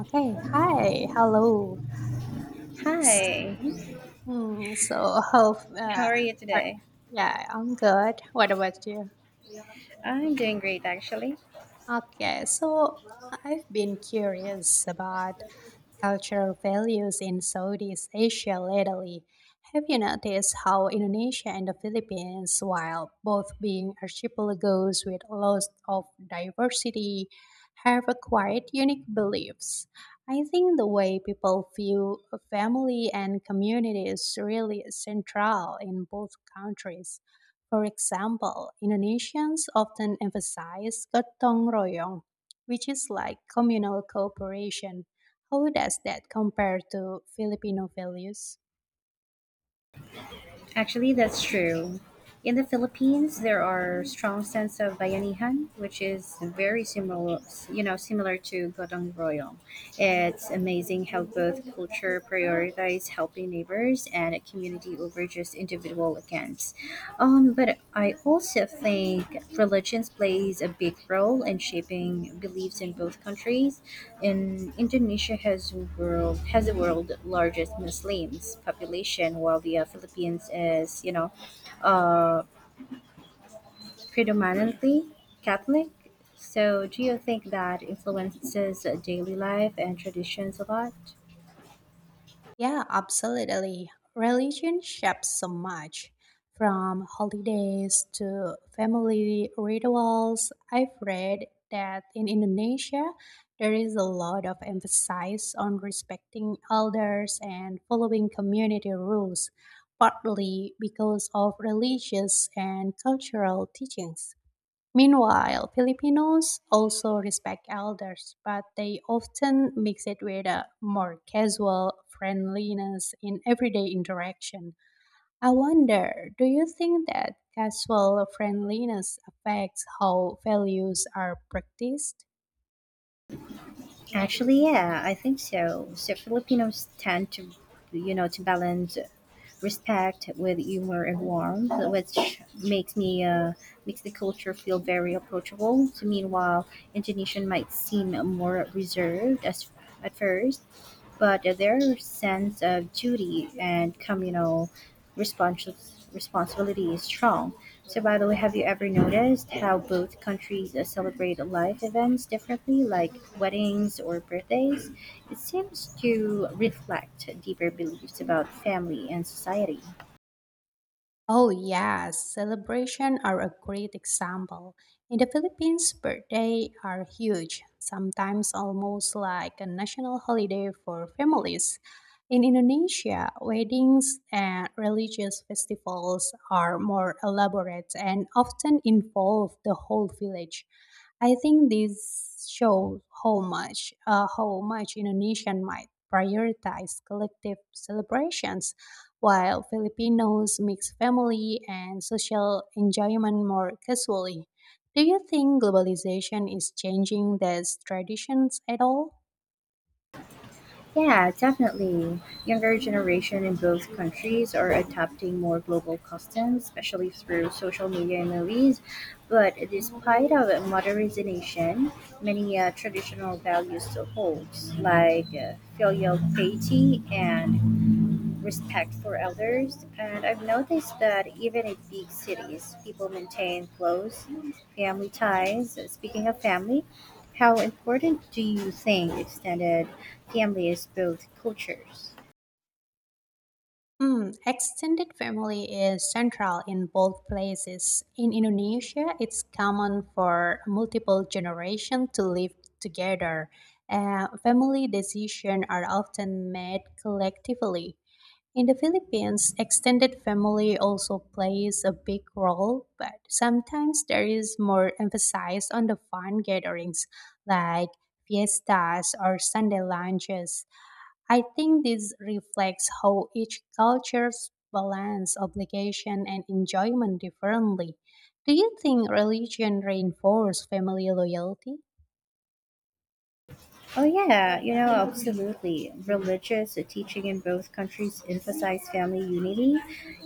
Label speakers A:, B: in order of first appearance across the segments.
A: Okay, hi, hello. S-
B: Hi,
A: mhm. mm, So, hope,
B: how
A: uh,
B: are you
A: are-
B: today?
A: yeah, I'm good. What about you?
B: I'm doing great, actually.
A: Okay, so I've been curious about cultural values in Southeast Asia lately. Have you noticed how Indonesia and the Philippines, while both being archipelagos with lots of diversity, have acquired unique beliefs? I think the way people view a family and community is really central in both countries. For example, Indonesians often emphasize gotong royong, which is like communal cooperation. How does that compare to Filipino values?
B: Actually, that's true. In the Philippines, there are strong sense of bayanihan, which is very similar, similar to gotong royong. It's amazing how both culture prioritize helping neighbors and a community over just individual accounts. But I also think religions plays a big role in shaping beliefs in both countries. And Indonesia has world has the world largest Muslims population, while the Philippines is uh, predominantly Catholic. So, do you think that influences daily life and traditions a lot?
A: Yeah, absolutely. Religion shapes so much, from holidays to family rituals. I've read that in Indonesia, there is a lot of emphasis on respecting elders and following community rules, partly because of religious and cultural teachings. Meanwhile, Filipinos also respect elders, but they often mix it with a more casual friendliness in everyday interaction. I wonder, do you think that casual friendliness affects how values are practiced?
B: Actually, yeah, I think so. So Filipinos tend to balance respect, with humor and warmth, which makes the culture feel very approachable. So meanwhile, Indonesian might seem more reserved as at first, but their sense of duty and communal responsibility is strong. So, by the way, have you ever noticed how both countries celebrate life events differently, like weddings or birthdays? It seems to reflect deeper beliefs about family and society.
A: Oh, yes, celebrations are a great example. In the Philippines, birthdays are huge, sometimes almost like a national holiday for families. In Indonesia, weddings and religious festivals are more elaborate and often involve the whole village. I think this shows how much Indonesian might prioritize collective celebrations while Filipinos mix family and social enjoyment more casually. Do you think globalization is changing these traditions at all?
B: Yeah, definitely. Younger generation in both countries are adopting more global customs, especially through social media and movies. But despite of modernization, many traditional values still holds, like filial piety and respect for elders. And I've noticed that even in big cities, people maintain close family ties. Speaking of family, how important do you think extended family is built cultures?
A: Extended family is central in both places. In Indonesia, it's common for multiple generations to live together. Family decisions are often made collectively. In the Philippines, extended family also plays a big role, but sometimes there is more emphasis on the fun gatherings like fiestas or Sunday lunches. I think this reflects how each culture's balance obligation and enjoyment differently. Do you think religion reinforces family loyalty?
B: Oh, yeah, you know, absolutely. Religious teaching in both countries emphasize family unity.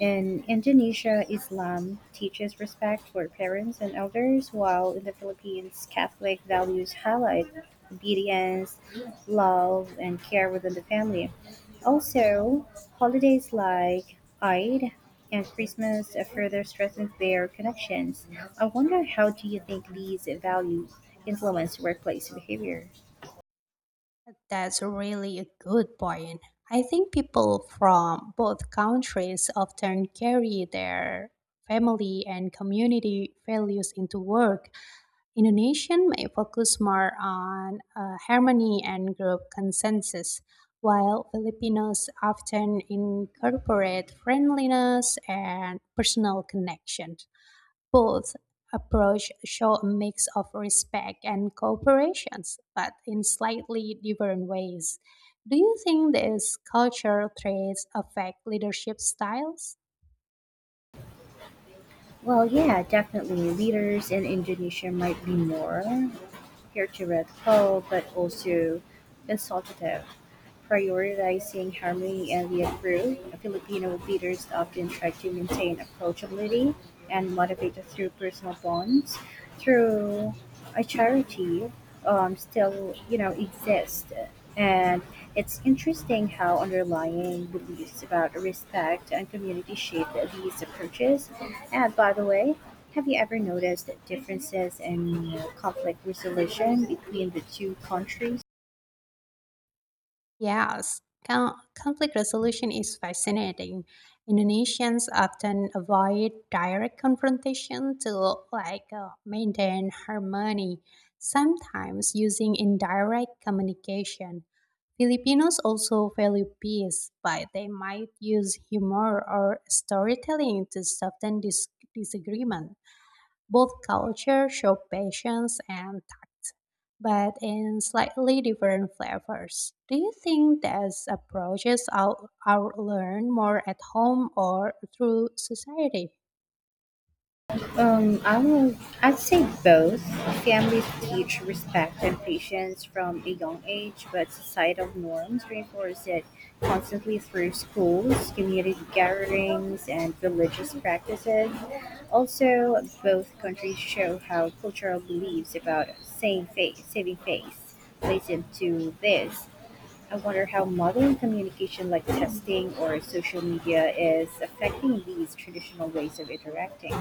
B: In Indonesia, Islam teaches respect for parents and elders, while in the Philippines, Catholic values highlight obedience, love, and care within the family. Also, holidays like Eid and Christmas further strengthen their connections. I wonder how do you think these values influence workplace behavior?
A: That's really a good point. I think people from both countries often carry their family and community values into work. Indonesian may focus more on harmony and group consensus, while Filipinos often incorporate friendliness and personal connection. Both approach show a mix of respect and cooperations, but in slightly different ways. Do you think these cultural traits affect leadership styles?
B: Well, yeah, definitely. Leaders in Indonesia might be more hierarchical but also consultative, prioritizing harmony and the approved. Filipino leaders often try to maintain approachability and motivate through personal bonds, through a charity still you know exists, and it's interesting how underlying beliefs about respect and community shape these approaches. And by the way, have you ever noticed differences in conflict resolution between the two countries?
A: Yes, con- conflict resolution is fascinating. Indonesians often avoid direct confrontation to like maintain harmony, sometimes using indirect communication. Filipinos also value peace, but they might use humor or storytelling to soften disagreement. Both cultures show patience and tact, but in slightly different flavors. Do you think are learned more at home or through society?
B: I'd say both. Families teach respect and patience from a young age, but societal norms reinforce it constantly through schools, community gatherings, and religious practices. Also, both countries show how cultural beliefs about same faith, saving face plays into this. I wonder how modern communication like texting or social media is affecting these traditional ways of interacting.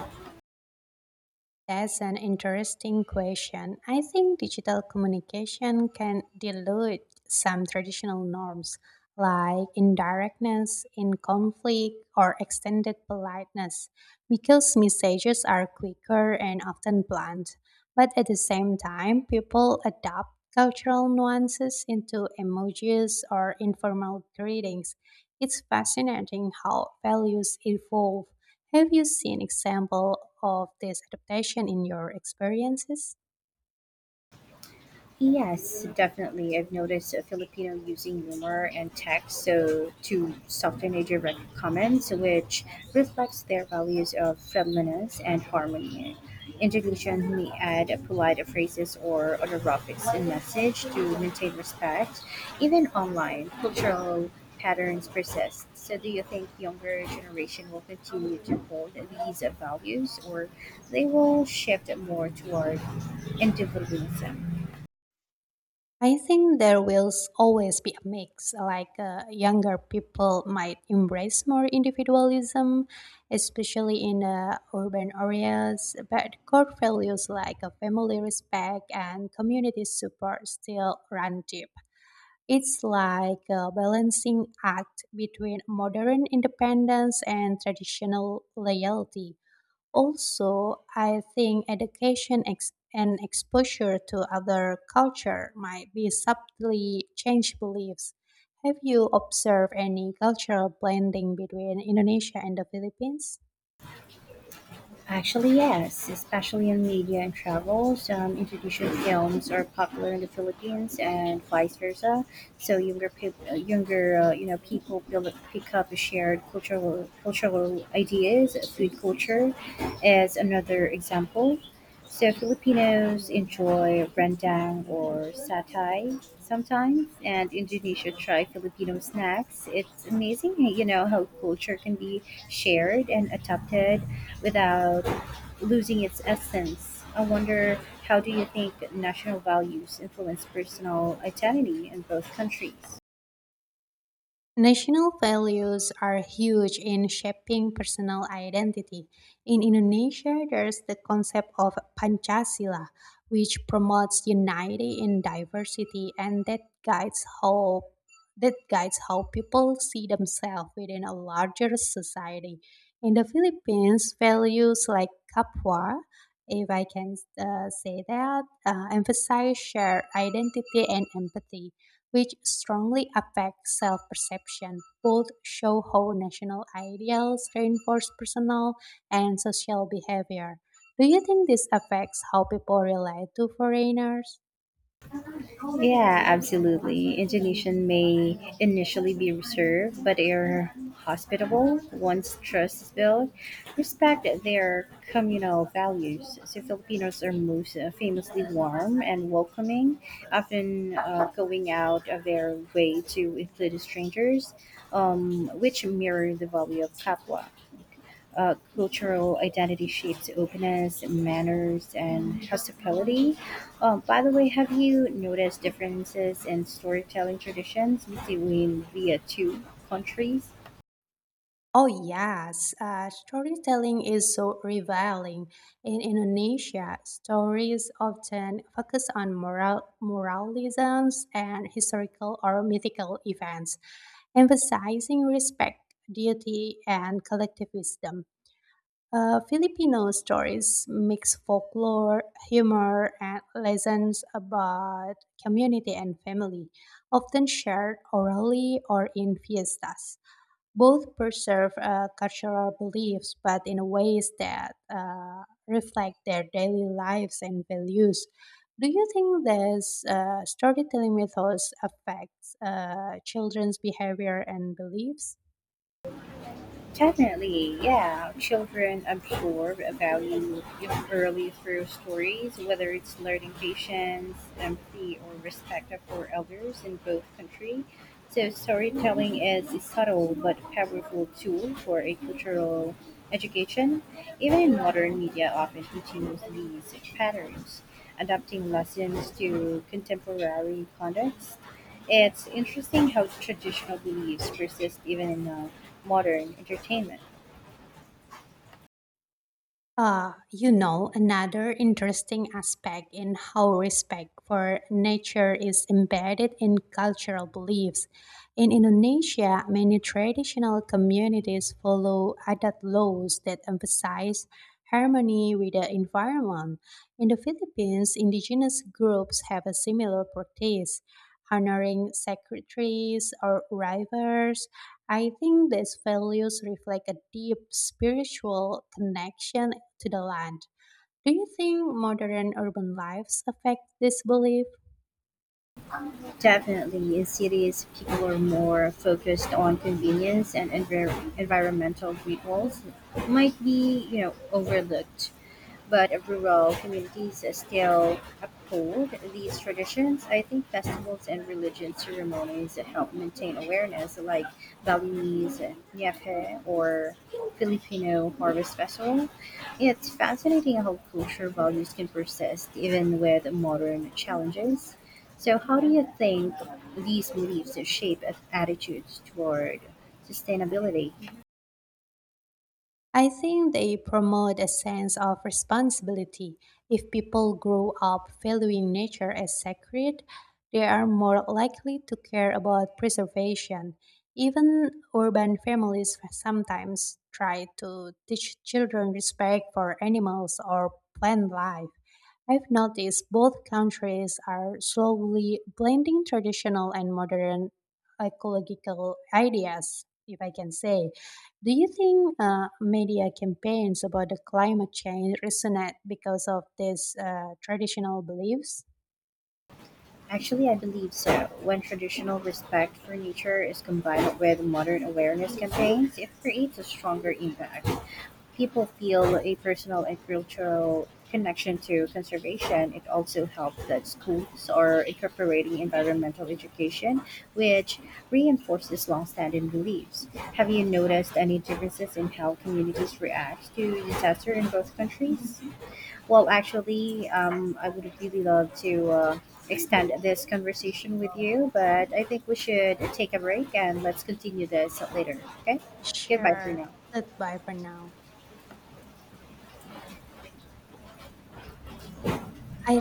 A: That's an interesting question. I think digital communication can dilute some traditional norms like indirectness in conflict or extended politeness because messages are quicker and often blunt. But at the same time, people adopt cultural nuances into emojis or informal greetings. It's fascinating how values evolve. Have you seen example of this adaptation in your experiences?
B: Yes, definitely. I've noticed a Filipino using humor and text so to soften major direct comments, which reflects their values of friendliness and harmony. Indonesian may add polite phrases or other graphics in message to maintain respect. Even online, cultural patterns persist. So, do you think younger generation will continue to hold these values, or they will shift more toward individualism?
A: I think there will always be a mix. Like younger people might embrace more individualism, especially in urban areas, but core values like family respect and community support still run deep. It's like a balancing act between modern independence and traditional loyalty. Also, I think and exposure to other culture might be subtly change beliefs. Have you observed any cultural blending between Indonesia and the Philippines?
B: Actually, yes, especially in media and travel. Some international films are popular in the Philippines and vice versa. So younger people, younger you know people build, pick up shared cultural ideas. Food culture is another example. So Filipinos enjoy rendang or satay sometimes, and Indonesia try Filipino snacks. It's amazing, you know, how culture can be shared and adapted without losing its essence. I wonder how do you think national values influence personal identity in both countries?
A: National values are huge in shaping personal identity. In Indonesia, there's the concept of Pancasila, which promotes unity in diversity and that guides how people see themselves within a larger society. In the Philippines, values like kapwa, if I can say that, emphasize shared identity and empathy which strongly affect self perception. Both show how national ideals reinforce personal and social behavior. Do you think this affects how people relate to foreigners?
B: Yeah, absolutely. Indonesian may initially be reserved, but are hospitable once trust is built. Respect their communal values. So Filipinos are most famously warm and welcoming, often going out of their way to include strangers, which mirror the value of Kapwa. Cultural identity shapes openness, manners, and hospitality. By the way, have you noticed differences in storytelling traditions between the two countries?
A: Oh, yes. Storytelling is so revealing. In Indonesia, stories often focus on moralisms and historical or mythical events, emphasizing respect, duty, and collective wisdom. Filipino stories mix folklore, humor, and lessons about community and family, often shared orally or in fiestas. Both preserve cultural beliefs, but in ways that reflect their daily lives and values. Do you think this storytelling methods affects children's behavior and beliefs?
B: Definitely, yeah. Children absorb a value of early through stories, whether it's learning patience, empathy, or respect for elders in both country. So storytelling is a subtle but powerful tool for a cultural education. Even in modern media often continues these patterns, adapting lessons to contemporary context. It's interesting how traditional beliefs persist even in modern entertainment.
A: Another interesting aspect in how respect for nature is embedded in cultural beliefs. In Indonesia, many traditional communities follow adat laws that emphasize harmony with the environment. In the Philippines, indigenous groups have a similar practice, honoring sacred trees or rivers. I think these values reflect a deep spiritual connection to the land. Do you think modern urban lives affect this belief?
B: Definitely, in cities, people are more focused on convenience and environmental rituals might be, you know, overlooked. But rural communities still uphold these traditions. I think festivals and religion ceremonies help maintain awareness, like Balinese Nyepe or Filipino Harvest Festival. It's fascinating how culture values can persist even with modern challenges. So, how do you think these beliefs shape attitudes toward sustainability?
A: I think they promote a sense of responsibility. If people grow up valuing nature as sacred, they are more likely to care about preservation. Even urban families sometimes try to teach children respect for animals or plant life. I've noticed both countries are slowly blending traditional and modern ecological ideas, if I can say. Do you think media campaigns about the climate change resonate because of these traditional beliefs?
B: Actually, I believe so. When traditional respect for nature is combined with modern awareness campaigns, it creates a stronger impact. People feel a personal and cultural connection to conservation. It also helps that schools are incorporating environmental education, which reinforces longstanding beliefs. Have you noticed any differences in how communities react to disaster in both countries? Well, actually, I would really love to extend this conversation with you, but I think we should take a break and let's continue this later. Okay? Goodbye for
A: Sure.
B: now.
A: Goodbye for now. I